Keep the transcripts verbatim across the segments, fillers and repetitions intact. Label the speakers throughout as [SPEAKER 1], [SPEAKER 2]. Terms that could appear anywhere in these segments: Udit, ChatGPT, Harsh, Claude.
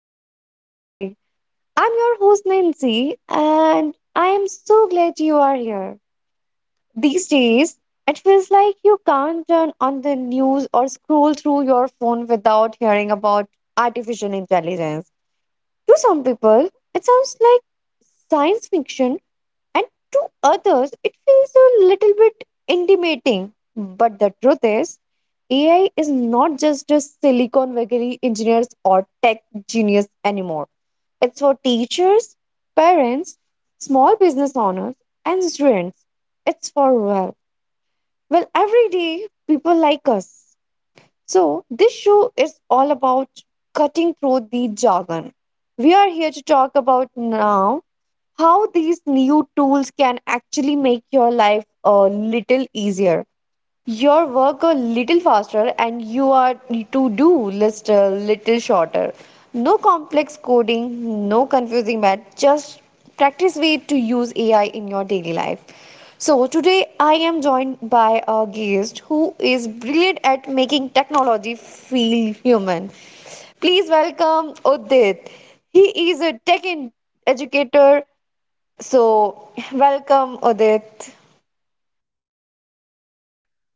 [SPEAKER 1] Everyday A I. I'm your host Nancy, and I am so glad you are here. These days, it feels like you can't turn on the news or scroll through your phone without hearing about artificial intelligence. To some people, it sounds like science fiction, and to others it feels a little bit intimidating. But the truth is, A I is not just a Silicon Valley engineers or tech genius anymore. It's for teachers, parents, small business owners, and students. It's for, well, well, everyday people like us. So this show is all about cutting through the jargon. We are here to talk about now how these new tools can actually make your life a little easier, your work a little faster, and you are to do list a little shorter. No complex coding, no confusing math, just practice way to use AI in your daily life. So today I am joined by a guest who is brilliant at making technology feel human. Please welcome Udit. He is a tech en- educator, so, welcome, Udit.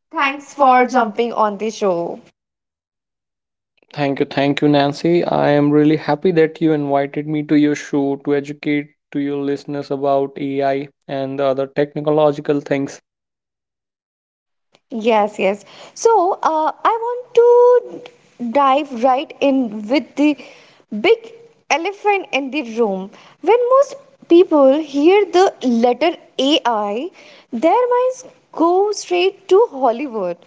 [SPEAKER 2] Thanks
[SPEAKER 1] Thanks
[SPEAKER 2] for
[SPEAKER 1] for
[SPEAKER 2] jumping.
[SPEAKER 1] jumping on the show.
[SPEAKER 2] Thank you, thank you, Nancy. I am really happy that you invited me to your show to educate to your listeners about A I and the other technological things.
[SPEAKER 1] Yes, yes. So, uh, I want to dive right in with the big elephant in the room. When most people hear the letter A I, their minds go straight to Hollywood.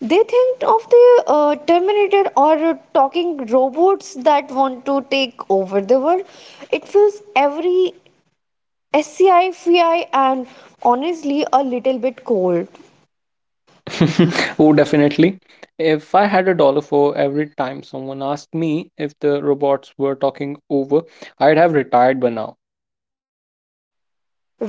[SPEAKER 1] They think of the uh, Terminator or talking robots that want to take over the world. It fills every sci, fi, and honestly, a little bit cold.
[SPEAKER 2] Oh, definitely. If I had a dollar for every time someone asked me if the robots were talking over, I'd have retired by now.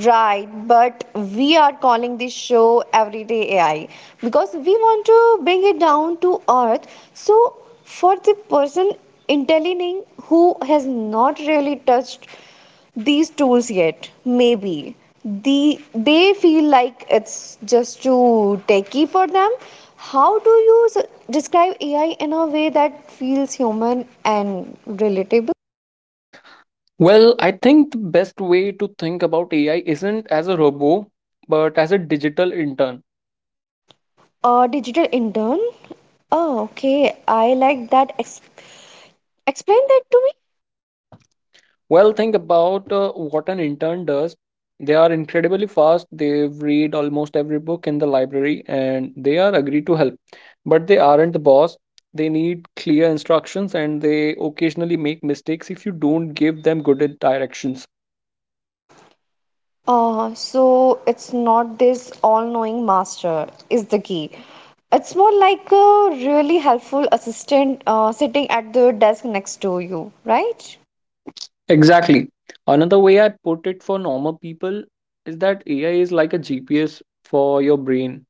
[SPEAKER 1] Right, but we are calling this show Everyday A I because we want to bring it down to earth. So, for the person intelligent who has not really touched these tools yet, maybe the they feel like it's just too techy for them. How do you s- describe A I in a way that feels human and relatable?
[SPEAKER 2] Well, I think the best way to think about A I isn't as a robot, but as a digital intern.
[SPEAKER 1] A digital intern? Oh, okay. I like that. Ex- explain that to me.
[SPEAKER 2] Well, think about uh, what an intern does. They are incredibly fast. They've read almost every book in the library and they are agreed to help. But they aren't the boss. They need clear instructions and they occasionally make mistakes if you don't give them good directions.
[SPEAKER 1] Uh, so it's not this all-knowing master is the key. It's more like a really helpful assistant uh, sitting at the desk next to you, right?
[SPEAKER 2] Exactly. Another way I put it for normal people is that A I is like a G P S for your brain.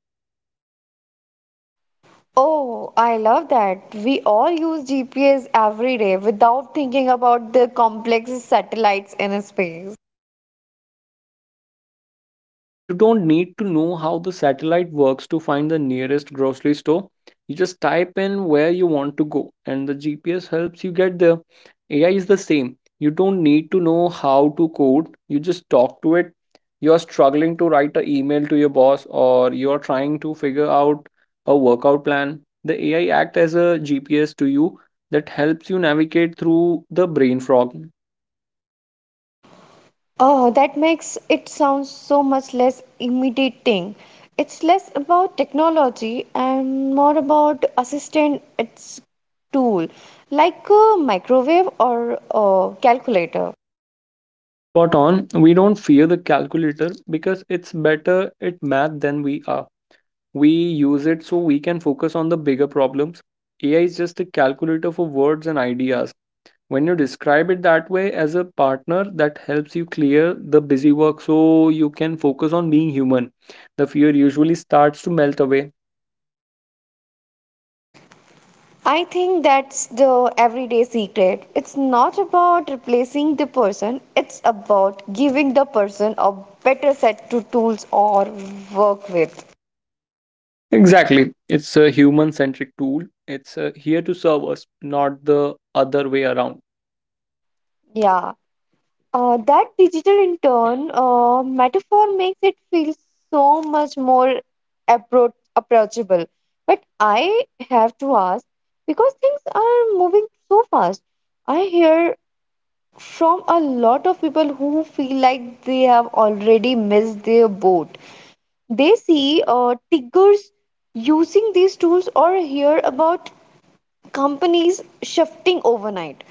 [SPEAKER 1] Oh, I love that. We all use G P S every day without thinking about the complex satellites in space.
[SPEAKER 2] Precisely, you don't need to know how the satellite works to find the nearest grocery store. You just type in where you want to go, and the G P S helps you get there. A I is the same. You don't need to know how to code, you just talk to it. You are struggling to write an email to your boss, or you are trying to figure out a workout plan. The A I act as a G P S to you that helps you navigate through the brain fog.
[SPEAKER 1] Oh, that makes it sound so much less intimidating. It's less about technology and more about assistant its tool, like a microwave or a calculator.
[SPEAKER 2] Spot on. We don't fear the calculator because it's better at math than we are. We use it so we can focus on the bigger problems. A I is just a calculator for words and ideas. When you describe it that way as a partner, that helps you clear the busy work so you can focus on being human. The fear usually starts to melt away.
[SPEAKER 1] I think that's the everyday secret. It's not about replacing the person, it's about giving the person a better set to tools or work with.
[SPEAKER 2] Exactly. It's a human centric tool. It's uh, here to serve us, not the other way around.
[SPEAKER 1] Yeah. Uh, that digital in turn uh, metaphor makes it feel so much more appro- approachable. But I have to ask because things are moving so fast. I hear from a lot of people who feel like they have already missed their boat. They see uh, tiggers using these tools or hear about companies shifting overnight,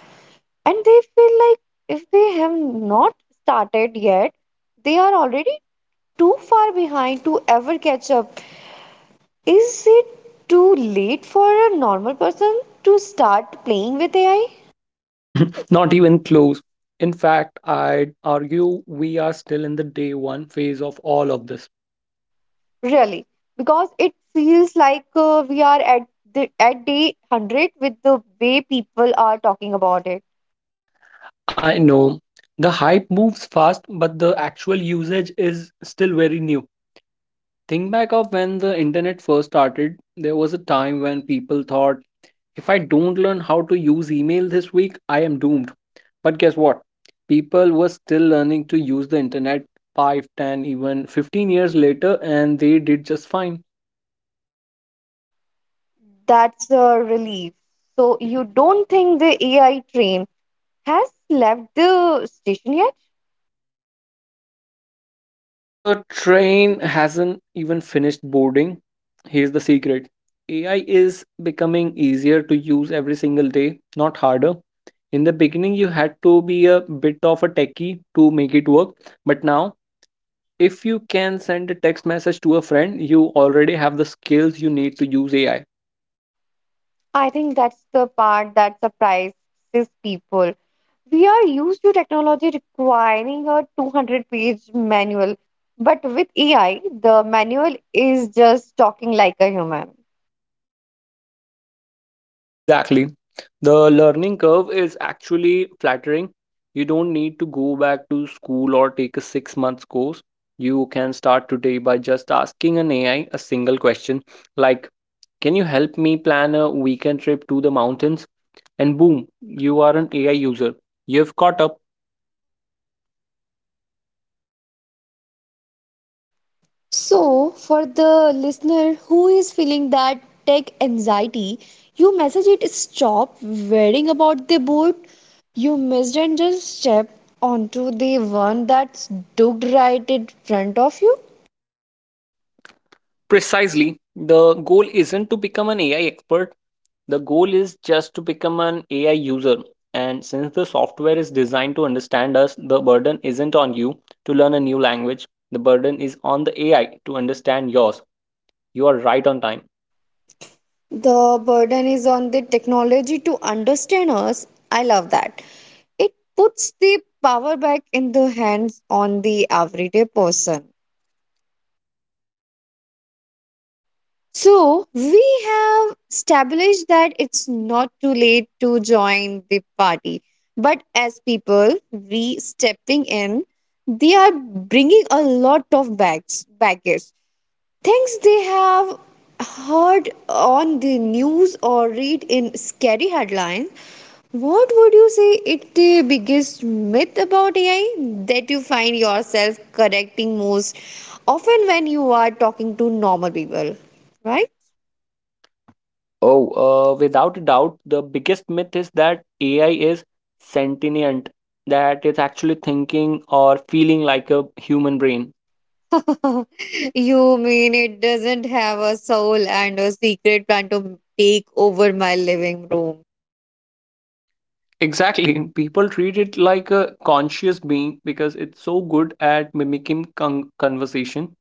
[SPEAKER 1] and they feel like if they have not started yet they are already too far behind to ever catch up. Is it too late for a normal person to start playing with AI?
[SPEAKER 2] Not even close. In fact, I'd argue we are still in the day one phase of all of this.
[SPEAKER 1] Really? Because it feels like uh, we are at the, at day one hundred with the way people are talking about it.
[SPEAKER 2] I know the hype moves fast, but the actual usage is still very new. Think back of when the internet first started. There was a time when people thought, if I don't learn how to use email this week, I am doomed. But guess what? People were still learning to use the internet five, ten, even fifteen years later, and they did just fine.
[SPEAKER 1] That's a relief. So you don't think the AI train has left the station yet?
[SPEAKER 2] The train hasn't even finished boarding. Here's the secret: A I is becoming easier to use every single day, not harder. In the beginning, you had to be a bit of a techie to make it work. But now, if you can send a text message to a friend, you already have the skills you need to use A I.
[SPEAKER 1] I think that's the part that surprises people. We are used to technology requiring a two hundred page manual, but with A I, the manual is just talking like a human.
[SPEAKER 2] Exactly. The learning curve is actually flattering. You don't need to go back to school or take a six months course. You can start today by just asking an A I a single question like, can you help me plan a weekend trip to the mountains? And boom, you are an A I user. You've caught up.
[SPEAKER 1] So, for the listener who is feeling that tech anxiety, you message it stop worrying about the boat you missed and just step onto the one that's docked right in front of you.
[SPEAKER 2] Precisely. The goal isn't to become an A I expert. The goal is just to become an A I user. And since the software is designed to understand us, the burden isn't on you to learn a new language. The burden is on the A I to understand yours. You are right on time.
[SPEAKER 1] The burden is on the technology to understand us. I love that. It puts the power back in the hands on the everyday person. So we have established that it's not too late to join the party. But as people, we stepping in, they are bringing a lot of bags, baggage, things they have heard on the news or read in scary headlines. What would you say it the biggest myth about A I that you find yourself correcting most often when you are talking to normal people,
[SPEAKER 2] Right?
[SPEAKER 1] right?
[SPEAKER 2] Oh, uh, without a doubt, the biggest myth is that A I is sentient, that it's actually thinking or feeling like a human brain.
[SPEAKER 1] You mean it doesn't have a soul and a secret plan to take over my living room?
[SPEAKER 2] Exactly. People treat it like a conscious being because it's so good at mimicking con- conversation.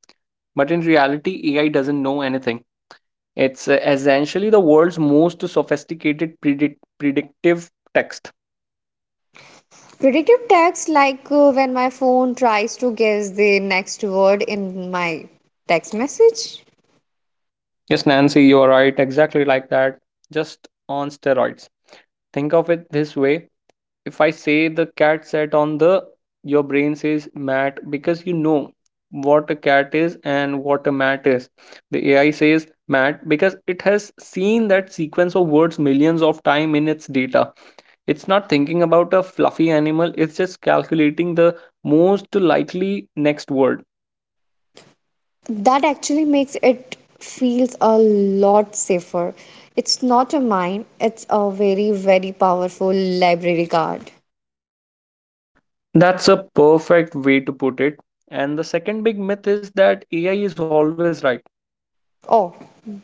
[SPEAKER 2] But in reality, A I doesn't know anything. It's uh, essentially the world's most sophisticated predict- predictive text.
[SPEAKER 1] Predictive text, like uh, when my phone tries to guess the next word in my text message.
[SPEAKER 2] Yes, Nancy, you're right. Exactly like that. Just on steroids. Think of it this way: if I say the cat sat on the, your brain says mat because you know what a cat is and what a mat is. The A I says mat because it has seen that sequence of words millions of time in its data. It's not thinking about a fluffy animal, it's just calculating the most likely next word.
[SPEAKER 1] That actually makes it feels a lot safer. It's not a mine, it's a very very powerful library card.
[SPEAKER 2] That's a perfect way to put it. And the second big myth is that A I is always right.
[SPEAKER 1] Oh,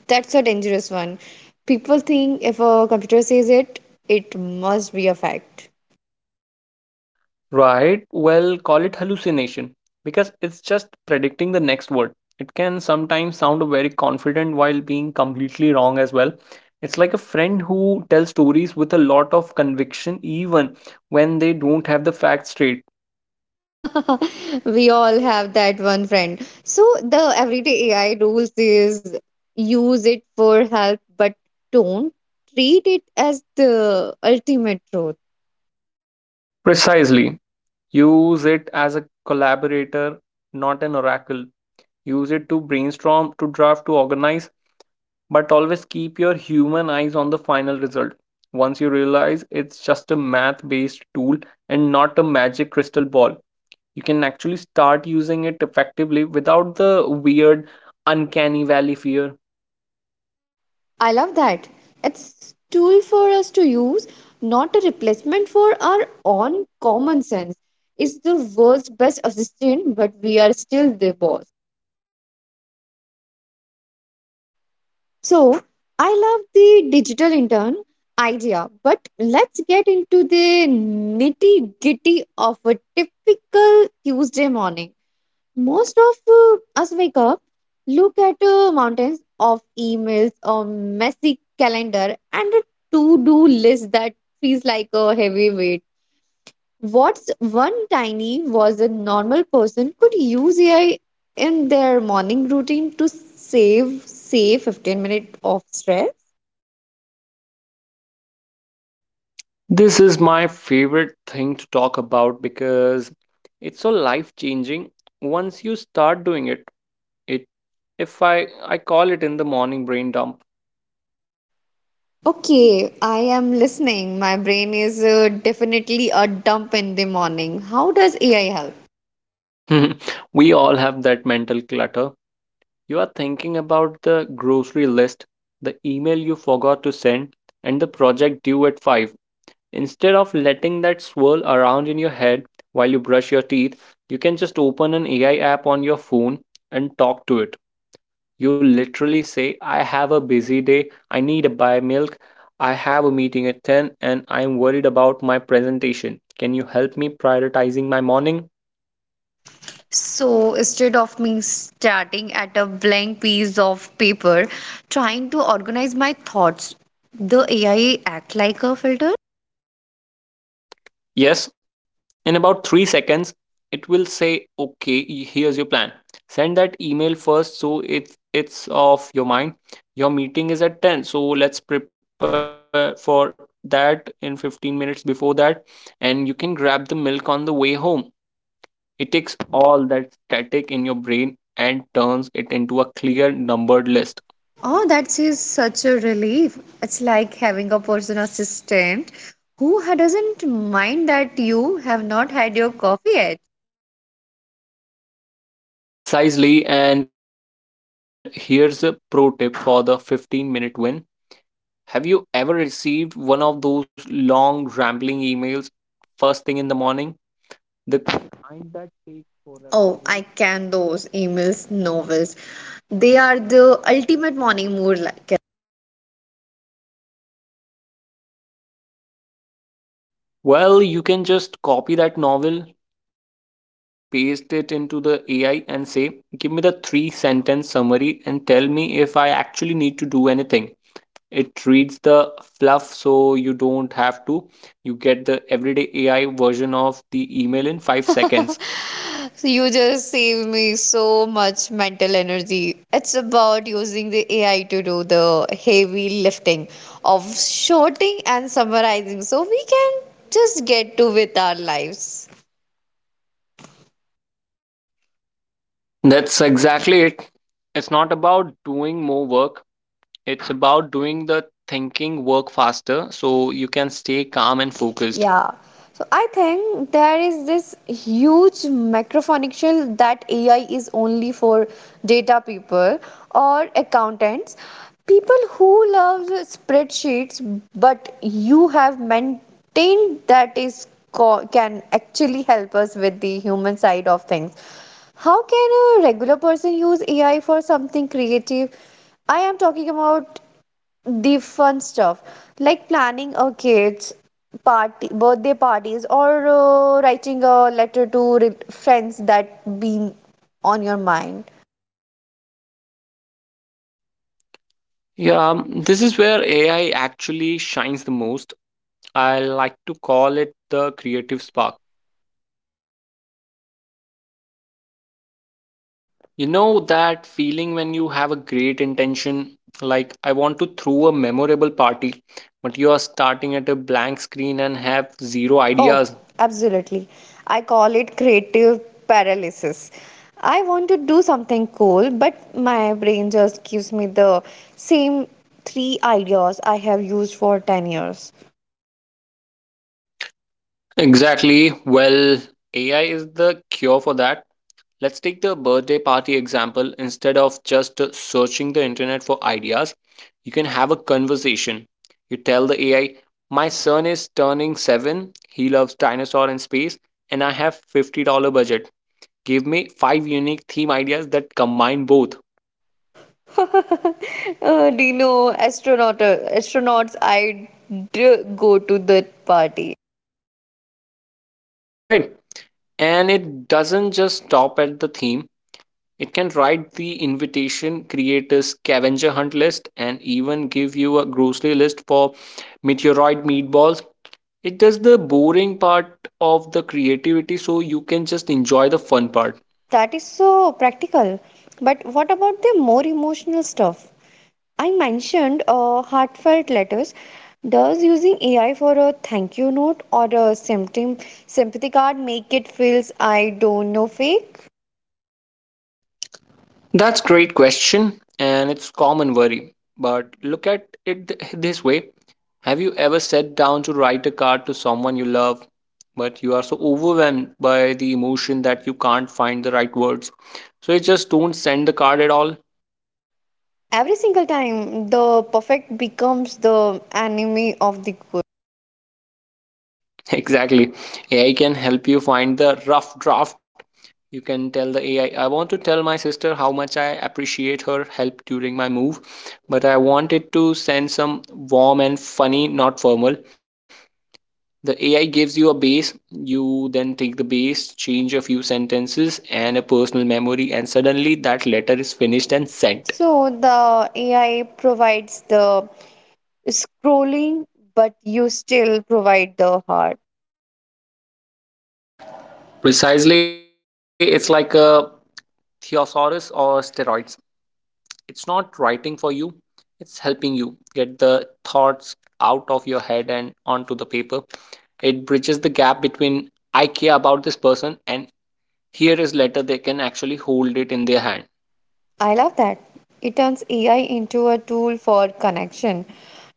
[SPEAKER 1] that's a dangerous one. People think if a computer says it, it must be a fact.
[SPEAKER 2] Right, well, call it hallucination because it's just predicting the next word. It can sometimes sound very confident while being completely wrong as well. It's like a friend who tells stories with a lot of conviction even when they don't have the facts straight.
[SPEAKER 1] we all have that one friend. So the everyday AI rules is use it for help, but don't treat it as the ultimate truth.
[SPEAKER 2] Precisely. Use it as a collaborator, not an oracle. Use it to brainstorm, to draft, to organize. But always keep your human eyes on the final result. Once you realize it's just a math based tool and not a magic crystal ball, you can actually start using it effectively without the weird, uncanny valley fear.
[SPEAKER 1] I love that. It's tool for us to use, not a replacement for our own common sense. It's the world's best assistant, but we are still the boss. So I love the digital intern idea, but let's get into the nitty gritty of a typical Tuesday morning. Most of uh, us wake up, look at uh, mountains of emails or messy calendar and a to-do list that feels like a heavy weight. What's one tiny was a normal person could use A I in their morning routine to save, say, fifteen minutes of stress?
[SPEAKER 2] This is my favorite thing to talk about because it's so life changing once you start doing it. It if I I call it in the morning brain dump.
[SPEAKER 1] Okay, I am listening. My brain is uh, definitely a dump in the morning. How does A I help?
[SPEAKER 2] We all have that mental clutter. You are thinking about the grocery list, the email you forgot to send, and the project due at five. Instead of letting that swirl around in your head while you brush your teeth, you can just open an A I app on your phone and talk to it. You literally say, I have a busy day, I need to buy milk, I have a meeting at ten, and I'm worried about my presentation. Can you help me prioritizing my morning?
[SPEAKER 1] So instead of me starting at a blank piece of paper trying to organize my thoughts, the A I act like a filter.
[SPEAKER 2] Yes, in about three seconds, it will say, okay, y- here's your plan. Send that email first so it's it's off your mind. Your meeting is at ten, so let's prepare for that in fifteen minutes before that, and you can grab the milk on the way home. It takes all that static in your brain and turns it into a clear numbered list.
[SPEAKER 1] Oh, that's is such a relief. It's like having a personal assistant who ha- doesn't mind that you have not had your coffee yet.
[SPEAKER 2] Precisely, and here's a pro tip for the fifteen minute win. Have you ever received one of those long, rambling emails first thing in the morning? The kind that takes forever to
[SPEAKER 1] Oh,
[SPEAKER 2] read?
[SPEAKER 1] I can those emails novels. They are the ultimate morning mood, like.
[SPEAKER 2] Well, you can just copy that novel, paste it into the A I, and say, give me the three sentence summary and tell me if I actually need to do anything. It reads the fluff so you don't have to. You get the everyday A I version of the email in five seconds.
[SPEAKER 1] So you just saved me so much mental energy. It's about using the A I to do the heavy lifting of shorting and summarizing so we can just get to with our lives.
[SPEAKER 2] That's exactly it. It's not about doing more work, it's about doing the thinking work faster so you can stay calm and focused.
[SPEAKER 1] Yeah. So I think there is this huge macrophonical that A I is only for data people or accountants, people who love spreadsheets, but you have maintained that is co- can actually help us with the human side of things. How can a regular person use A I for something creative? I am talking about the fun stuff like planning a kid's party birthday parties or uh, writing a letter to re- friends that been on your mind.
[SPEAKER 2] Yeah, um, this is where A I actually shines the most. I like to call it the creative spark. You know that feeling when you have a great intention, like I want to throw a memorable party, but you are starting at a blank screen and have zero
[SPEAKER 1] Oh,
[SPEAKER 2] ideas.
[SPEAKER 1] absolutely. I call it creative paralysis. I want to do something cool, but my brain just gives me the same three ideas I have used for ten years.
[SPEAKER 2] Exactly. Well, A I is the cure for that. Let's take the birthday party example. Instead of just searching the internet for ideas, you can have a conversation. You tell the A I, my son is turning seven. He loves dinosaur and space, and I have fifty dollar budget. Give me five unique theme ideas that combine both.
[SPEAKER 1] Uh, do you know astronaut astronauts I do go to that party.
[SPEAKER 2] Right? And it doesn't just stop at the theme, it can write the invitation, create a scavenger hunt list, and even give you a grocery list for meteoroid meatballs. It does the boring part of the creativity so you can just enjoy the fun part.
[SPEAKER 1] That is so practical. But what about the more emotional stuff? I mentioned uh, heartfelt letters. Does using A I for a thank you note or a symptom sympathy card make it feels I don't know fake?
[SPEAKER 2] That's great question and it's common worry. But look at it th- this way. Have you ever sat down to write a card to someone you love, but you are so overwhelmed by the emotion that you can't find the right words? So you just don't send the card at all.
[SPEAKER 1] Every single time, the perfect becomes the enemy of the good.
[SPEAKER 2] Exactly. A I can help you find the rough draft. You can tell the A I, I I want to tell my sister how much I appreciate her help during my move, but I want it to send some warm and funny, not formal. The A I gives you a base. You then take the base, change a few sentences and a personal memory, and suddenly that letter is finished and sent.
[SPEAKER 1] So the A I provides the scrolling, but you still provide the heart.
[SPEAKER 2] Precisely, it's like a thesaurus or steroids. It's not writing for you, it's helping you get the thoughts out of your head and onto the paper. It bridges the gap between I care about this person and here is letter they can actually hold it in their
[SPEAKER 1] I love that. It turns A I into a tool for connection,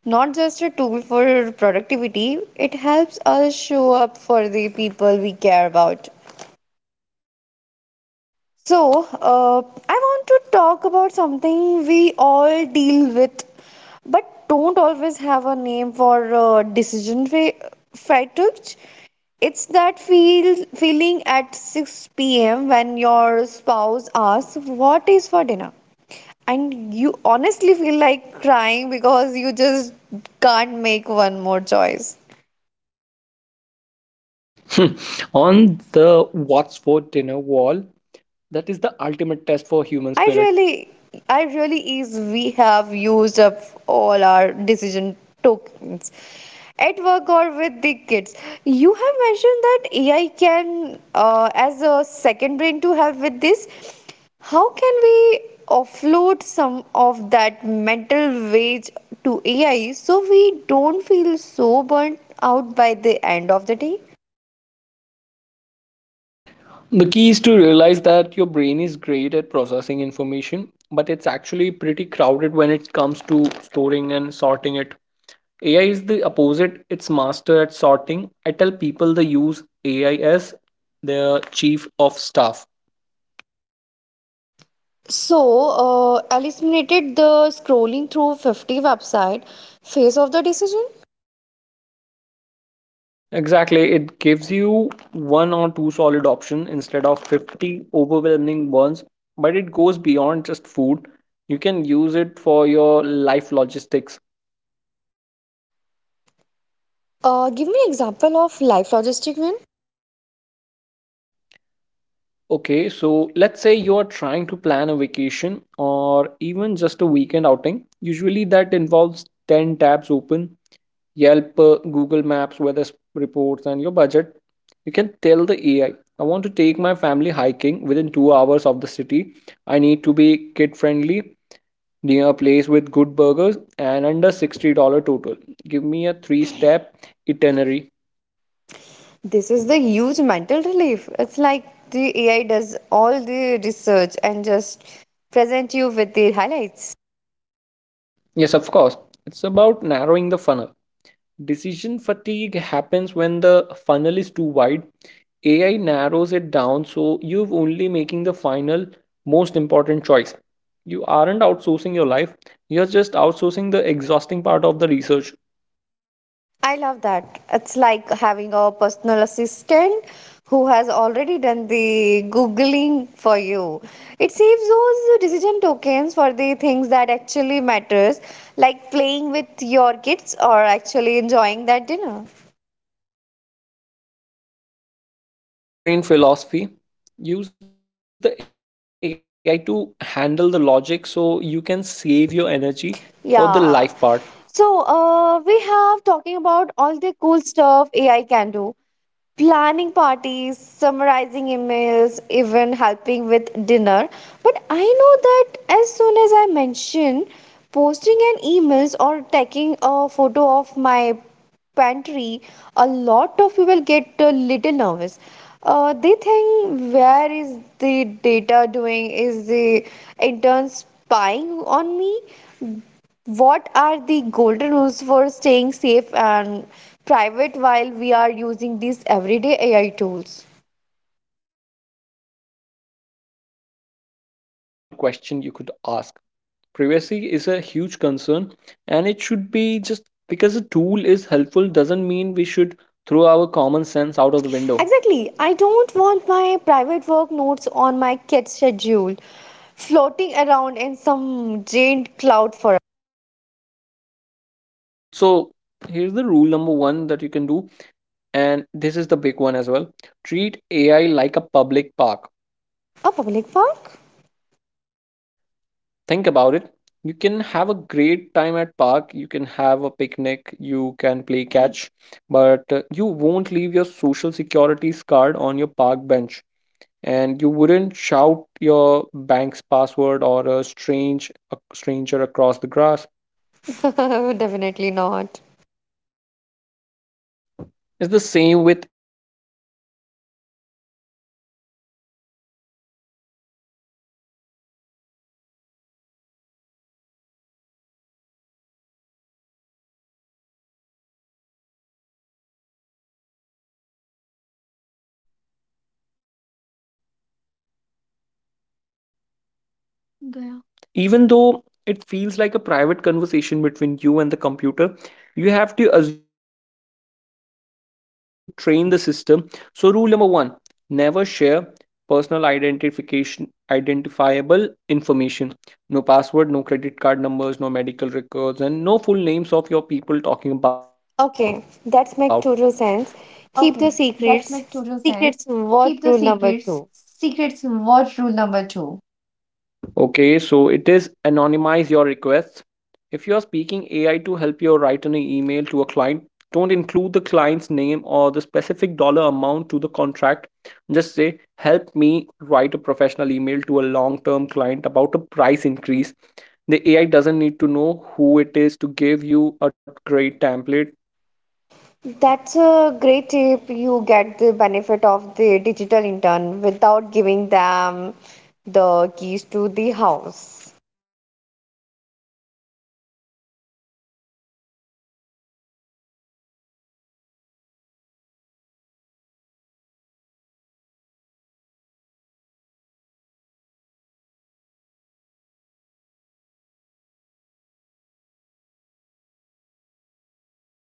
[SPEAKER 1] not just a tool for productivity. It helps us show up for the people we care about. So, uh, I want to talk about something we all deal with, but don't always have a name for uh, decision fa- fatigue. It's that feel feeling at six p m when your spouse asks what is for dinner, and you honestly feel like crying because you just can't make one more choice.
[SPEAKER 2] hand. On the what's for dinner wall, that is the ultimate test for human
[SPEAKER 1] I
[SPEAKER 2] spirit.
[SPEAKER 1] really, I really is we have used up all our decision tokens at work or with the kids. You have mentioned that A I can uh, as a second brain to help with this. How can we offload some of that mental wage to A I so we don't feel so burnt out by the end of the day?
[SPEAKER 2] The key is to realize that your brain is great at processing information, but it's actually pretty crowded when it to storing and sorting it. A I is the opposite, it's master at sorting. I tell people they use A I as their chief of staff.
[SPEAKER 1] So, uh, eliminated the scrolling through fifty website phase of the decision.
[SPEAKER 2] Exactly, it gives you one or two solid options instead of fifty overwhelming ones, but it goes beyond just food. You can use it for your life logistics.
[SPEAKER 1] Uh, give me example of life logistic win.
[SPEAKER 2] Okay, so let's say you're trying to plan vacation or even just a weekend outing. Usually that involves ten tabs open Yelp, uh, Google Maps, weather s- reports, and your budget. You can tell the A I, I I want to take my family hiking within two hours of the city. I need to kid friendly, near a place with good burgers, and under $60 dollars total. Give me a three step itinerary.
[SPEAKER 1] This is the huge mental relief. It's like the A I does all the research and just present you with the highlights.
[SPEAKER 2] Yes, of course. It's about narrowing the funnel. Decision fatigue happens when the funnel is too wide. A I narrows it down so you're only making the final, most important choice. You aren't outsourcing your life, you're just outsourcing the exhausting part of the research.
[SPEAKER 1] I love that. It's like having a personal assistant who has already done the Googling for you. It saves those decision tokens for the things that actually matters, like playing with your kids or actually enjoying that dinner.
[SPEAKER 2] That's the second brain philosophy. Use the A I to handle the logic so you can save your energy for the
[SPEAKER 1] Yeah.
[SPEAKER 2] life part.
[SPEAKER 1] So, uh, we have talking about all the cool stuff A I can do. Planning parties, summarizing emails, even helping with dinner. But I know that as soon as I mention posting an emails or taking a photo of my pantry, a lot of people get a little nervous. Uh, they think where is the data doing? Is the intern spying on me? What are the golden rules for staying safe and private while we are using these everyday A I tools?
[SPEAKER 2] That is the most responsible question you could ask. Privacy is a huge concern, and it should be. Just because a tool is helpful doesn't mean we should throw our common sense out of the window.
[SPEAKER 1] Exactly. I don't want my private work notes on my kid's schedule floating around in some giant cloud for.
[SPEAKER 2] Right, so here's the rule number one that you can do, and this is the big one as well: treat AI like a public park.
[SPEAKER 1] A public park.
[SPEAKER 2] Think about it. You can have a great time at park, you can have a picnic, you can play catch, but uh, you won't leave your social securities card on your park bench, and you wouldn't shout your bank's password or a strange a stranger across the grass.
[SPEAKER 1] Definitely not.
[SPEAKER 2] It's the same with A I. Even though it feels like a private conversation between you and the computer, you have to assume that anything you type could be used to train the system. So rule number one: never share personal identification identifiable information. No password, no credit card numbers, no medical records, and no full names of your people talking about.
[SPEAKER 1] Okay, that makes total sense. Keep the secrets. Secrets, what rule number two?
[SPEAKER 2] Okay, so it is anonymize your requests. If you are speaking A I to help you write an email to a client, don't include the client's name or the specific dollar amount to the contract. Just say, help me write a professional email to a long term client about a price increase. The A I doesn't need to know who it is to give you a great template.
[SPEAKER 1] That's a great tip. You get the benefit of the digital intern without giving them the keys to the house.
[SPEAKER 2] Exactly. And check your settings is the rule number three.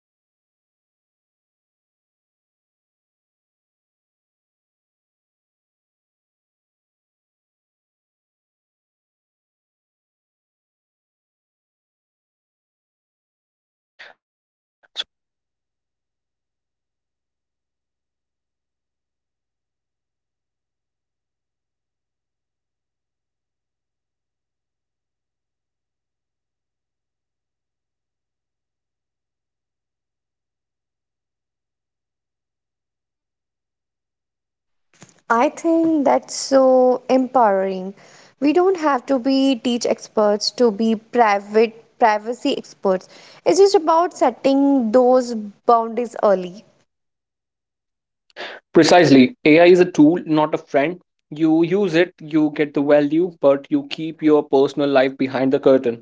[SPEAKER 2] मेरे इसमें से connect होगा तब जाके record start होगा, कितना हो गया आपका इसमें. Basically done. So here's the th- rule number three: check, always check your settings. Most A I apps like ChatGPT or others actually have a setting called temporary chat or don't save history. If you are doing something you are a bit more sensitive about, turn those on. It tells the A I, "Hey, let's talk, but don't take notes."
[SPEAKER 1] I think that's so empowering. We don't have to be teach experts to be private privacy experts. It's just about setting those boundaries early.
[SPEAKER 2] Precisely. A I is a tool, not a friend. You use it, you get the value, but you keep your personal life behind the curtain.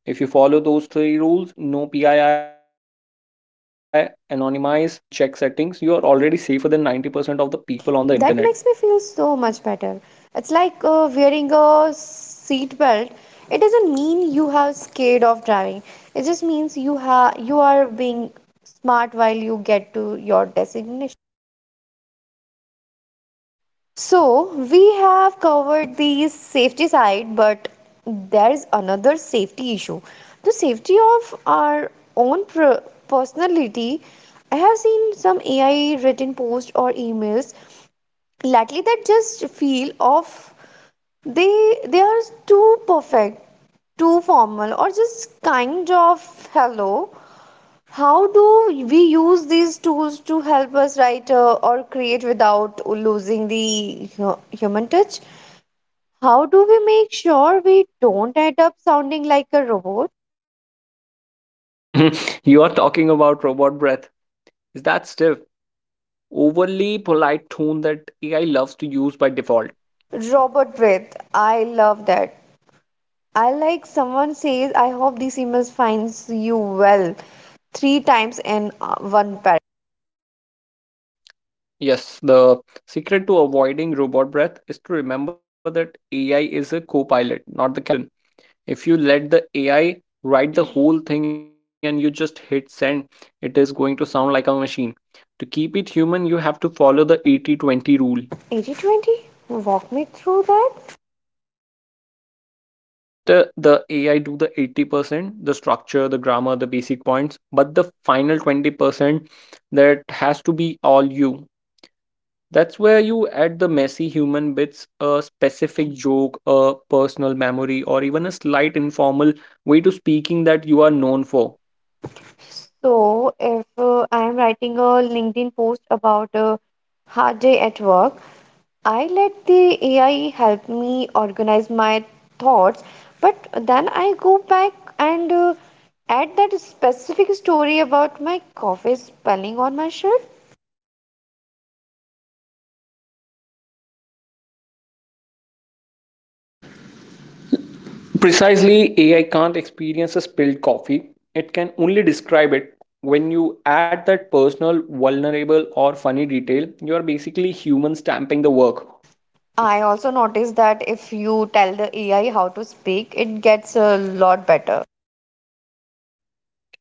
[SPEAKER 2] If you follow those three rules, no P I I, anonymize, and check settings, you are already safer than ninety percent of the people on the internet.
[SPEAKER 1] That makes me feel so much better. It's like uh, wearing a seat belt. It doesn't mean you have scared of driving. It just means you ha you are being smart while you get to your destination. So we have covered the safety side, but there is another safety issue. The safety of our own per- personality. I have seen some A I written posts or emails lately that just feel of they they are too perfect, too formal, or just kind of hello. How do we use these tools to help us write uh, or create without losing the hu- human touch? How do we make sure we don't end up sounding like a robot?
[SPEAKER 2] You are talking about robot breath. Is that stiff, overly polite tone that A I loves to use by default?
[SPEAKER 1] Robot breath, I love that. I like someone says I hope this email finds you well three times in uh, one paragraph.
[SPEAKER 2] Yes, the secret to avoiding robot breath is to remember that A I is a co pilot, not the captain. If you let the AI write the whole thing and you just hit send, it is going to sound like a machine. To keep it human, you have to follow the eighty-twenty rule.
[SPEAKER 1] Eighty twenty. Walk me through that.
[SPEAKER 2] Let uh, the AI do the eighty percent, the structure, the grammar, the basic points, but the final twenty percent, that has to be all you. That's where you add the messy human bits, a specific joke, a personal memory, or even a slight informal way to speaking that you are known for.
[SPEAKER 1] So, if uh, I am writing a LinkedIn post about a hard day at work, I let the A I help me organize my thoughts, but then I go back and uh, add that specific story about my coffee spelling on my shirt.
[SPEAKER 2] Precisely, A I can't experience a spilled coffee. It can only describe it. When you add that personal, vulnerable, or funny detail, you are basically human stamping the work.
[SPEAKER 1] I also noticed that if you tell the A I how to speak, it gets a lot better.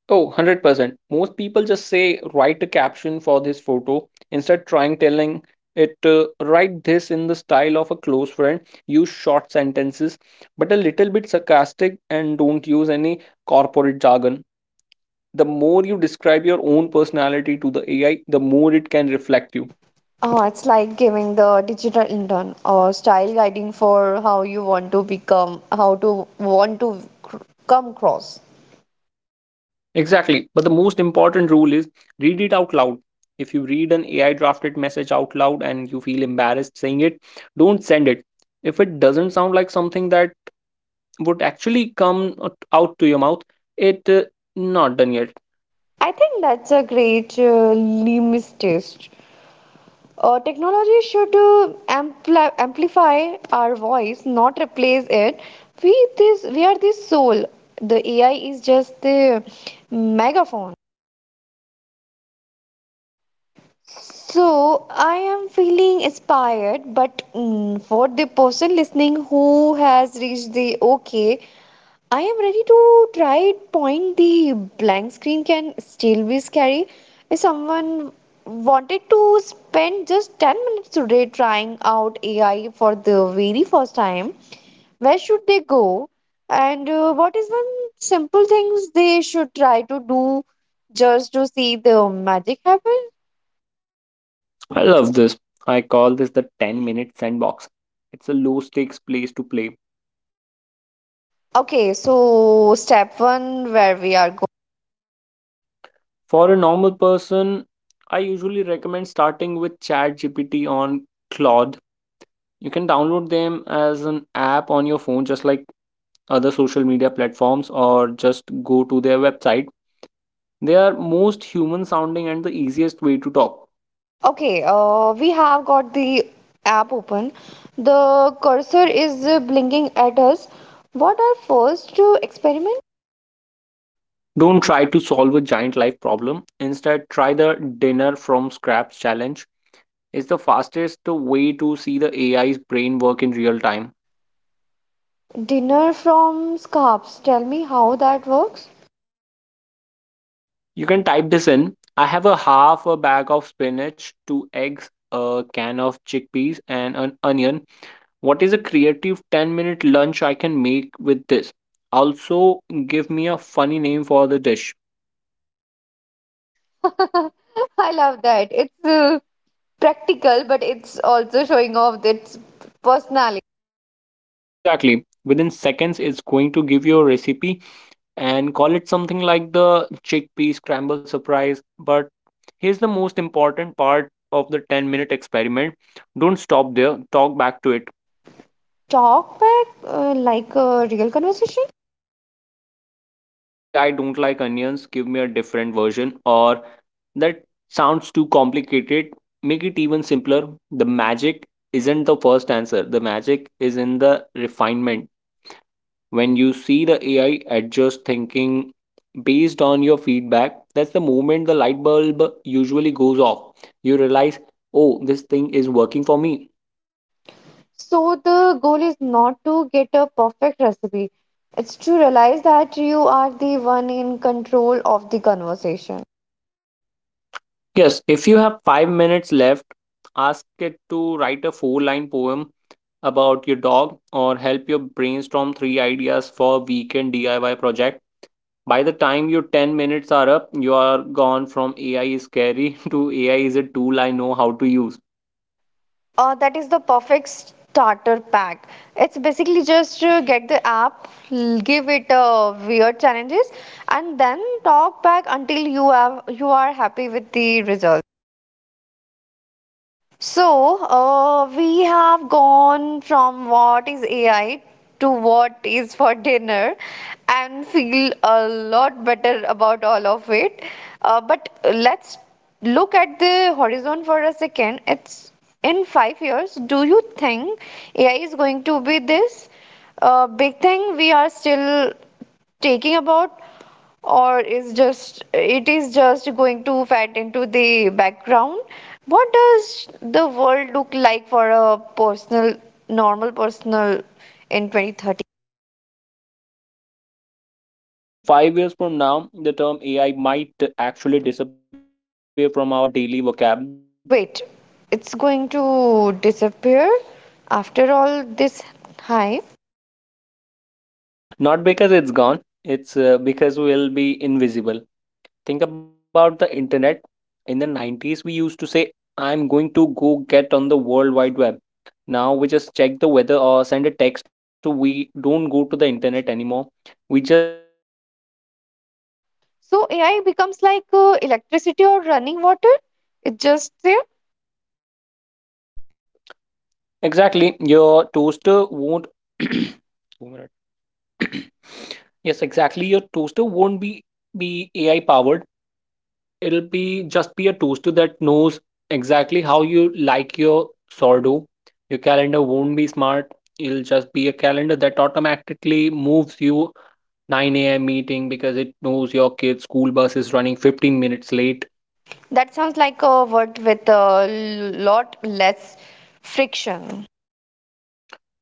[SPEAKER 2] Oh, one hundred percent. Most people just say, write a caption for this photo. Instead, trying telling it, uh, write this in the style of a close friend. Use short sentences, but a little bit sarcastic, and don't use any corporate jargon. The more you describe your own personality to the A I, the more it can reflect you.
[SPEAKER 1] Oh, it's like giving the digital intern or style guiding for how you want to become, how to want to cr- come across.
[SPEAKER 2] Exactly. But the most important rule is read it out loud. If you read an A I drafted message out loud and you feel embarrassed saying it, don't send it. If it doesn't sound like something that would actually come out out to your mouth, it uh, not done yet.
[SPEAKER 1] I think that's a great uh, limit test. Uh, technology should uh, ampli- amplify our voice, not replace it. We this we are the soul. The A I is just the megaphone. So I am feeling inspired, but mm, for the person listening who has reached the okay, I am ready to try it. Point the blank screen can still be scary. If someone wanted to spend just ten minutes today trying out A I for the very first time, where should they go? And uh, what is one simple things they should try to do just to see the magic happen?
[SPEAKER 2] I love this. I call this the ten minute sandbox. It's a low stakes place to play.
[SPEAKER 1] Okay, so step one, where we are.
[SPEAKER 2] For a normal person, I usually recommend starting with ChatGPT on Claude. You can download them as an app on your phone, just like other social media platforms, or just go to their website. They are most human sounding and the easiest way to talk.
[SPEAKER 1] Okay, uh, we have got the app open. The cursor is uh, blinking at us. What are first to experiment?
[SPEAKER 2] Don't try to solve a giant life problem. Instead, try the dinner from scraps challenge. It's the fastest way to see the A I's brain work in real time.
[SPEAKER 1] Dinner from scarps. Tell me how that works.
[SPEAKER 2] You can type this in. I have a half a bag of spinach, two eggs, a can of chickpeas, and an onion. What is a creative ten minute lunch I can make with this? Also, give me a funny name for the dish.
[SPEAKER 1] I love that. It's uh, practical, but it's also showing off its personality.
[SPEAKER 2] Exactly. Within seconds, it's going to give you a recipe and call it something like the chickpea scramble surprise. But here's the most important part of the ten minute experiment: don't stop there, talk back to it.
[SPEAKER 1] Talk back uh, like a real conversation.
[SPEAKER 2] Yes, say actually I don't like onions, give me a different version, or that sounds too complicated, make it even simpler. The magic isn't the first answer. The magic is in the refinement. When you see the A I adjust thinking based on your feedback, that's the moment the light bulb usually goes off. You realize, "Oh, this thing is working for me."
[SPEAKER 1] So the goal is not to get a perfect recipe. It's to realize that you are the one in control of the conversation.
[SPEAKER 2] Yes, if you have five minutes left, ask it to write a four line poem about your dog or help you brainstorm three ideas for a weekend D I Y project. By the time your ten minutes are up, you are gone from A I is scary to A I is a tool I know how to use.
[SPEAKER 1] Uh, that is the perfect starter pack. It's basically just uh, get the app, l- give it uh, weird challenges, and then talk back until you have you are happy with the result. So, uh, we have gone from what is A I to what is for dinner and feel a lot better about all of it. Uh, but let's look at the horizon for a second. It's in five years. Do you think A I is going to be this uh, big thing we are still taking about? Or is just it is just going to fade into the background? What does the world look like for a personal, normal personal in twenty thirty?
[SPEAKER 2] Well, I think in five years from now, the term A I might actually disappear from our daily vocab.
[SPEAKER 1] Wait, it's going to disappear after all this hype?
[SPEAKER 2] Not because it's gone, it's uh, because we'll be invisible. Think about the internet. In the nineties, we used to say, I'm going to go get on the World Wide Web. Now we just check the weather or send a text. to- We don't go to the internet anymore. We just live in a world where everything is
[SPEAKER 1] So
[SPEAKER 2] connected.
[SPEAKER 1] AI becomes like uh, electricity or running water. It just there.
[SPEAKER 2] Exactly. Your toaster won't. Two minute. Yes, exactly. Your toaster won't be A I powered. It'll be just be a toaster that knows exactly how you like your sourdough. Your calendar won't be smart. It'll just be a calendar that automatically moves you nine a m meeting because it knows your kid's school bus is running fifteen minutes late.
[SPEAKER 1] That sounds like a word with a lot less friction.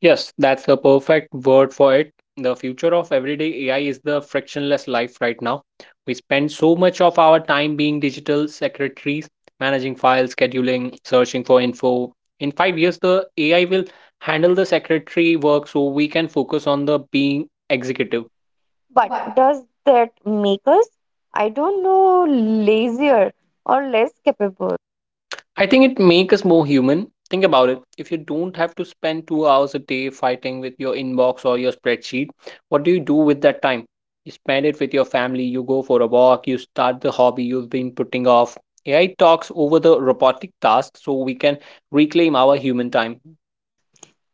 [SPEAKER 2] Yes, that's the perfect word for it. The future of everyday A I is the frictionless life right now. We spend so much of our time being digital secretaries, managing files, scheduling, searching for info. In five years, the A I will handle the secretary work so we can focus on the being executive.
[SPEAKER 1] But does that make us, I don't know, lazier or less capable?
[SPEAKER 2] I think it makes us more human. Think about it. If you don't have to spend two hours a day fighting with your inbox or your spreadsheet, what do you do with that time? You spend it with your family, you go for a walk, you start the hobby you've been putting off. A I talks over the robotic tasks so we can reclaim our human time.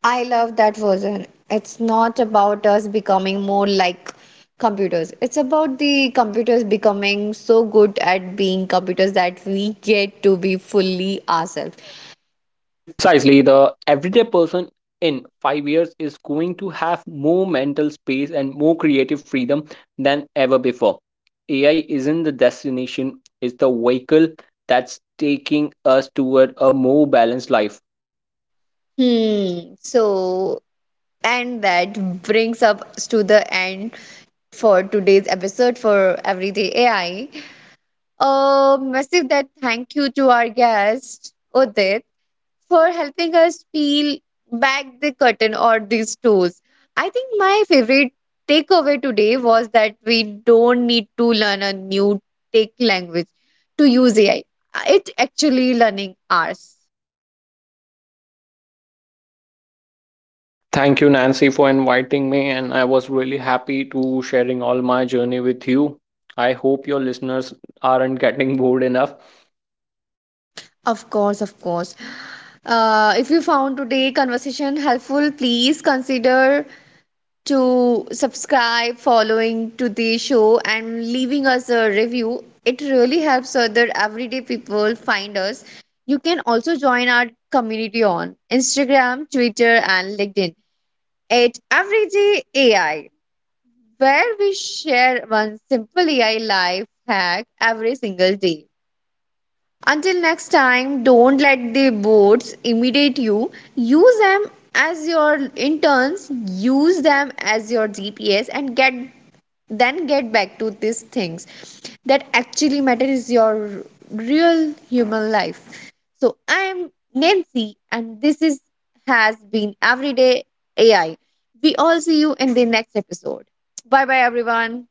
[SPEAKER 1] I love that version. It's not about us becoming more like computers. It's about the computers becoming so good at being computers that we get to be fully ourselves.
[SPEAKER 2] Precisely, the everyday person in five years is going to have more mental space and more creative freedom than ever before. A I isn't the destination, it's the vehicle that's taking us toward a more balanced life.
[SPEAKER 1] Hmm. So, and that brings up to the end for today's episode for Everyday A I. A massive that thank you to our guest Udit for helping us peel back the curtain on these tools. I think my favorite takeaway today was that we don't need to learn a new tech language to use A I. It actually learning ours.
[SPEAKER 2] Thank you, Nancy, for inviting me, and I was really happy to sharing all my journey with you. I hope your listeners aren't getting bored enough.
[SPEAKER 1] Of course, of course. Uh, if you found today conversation helpful, please consider to subscribe, following to the show, and leaving us a review. It really helps other everyday people find us. You can also join our community on Instagram, Twitter, and LinkedIn at Everyday A I, where we share one simple A I life hack every single day. Until next time, don't let the boards imitate you. Use them as your interns, use them as your G P S, and get then get back to these things that actually matter is your real human life. So I am Nancy and this is has been Everyday A I. We all see you in the next episode. Bye bye everyone.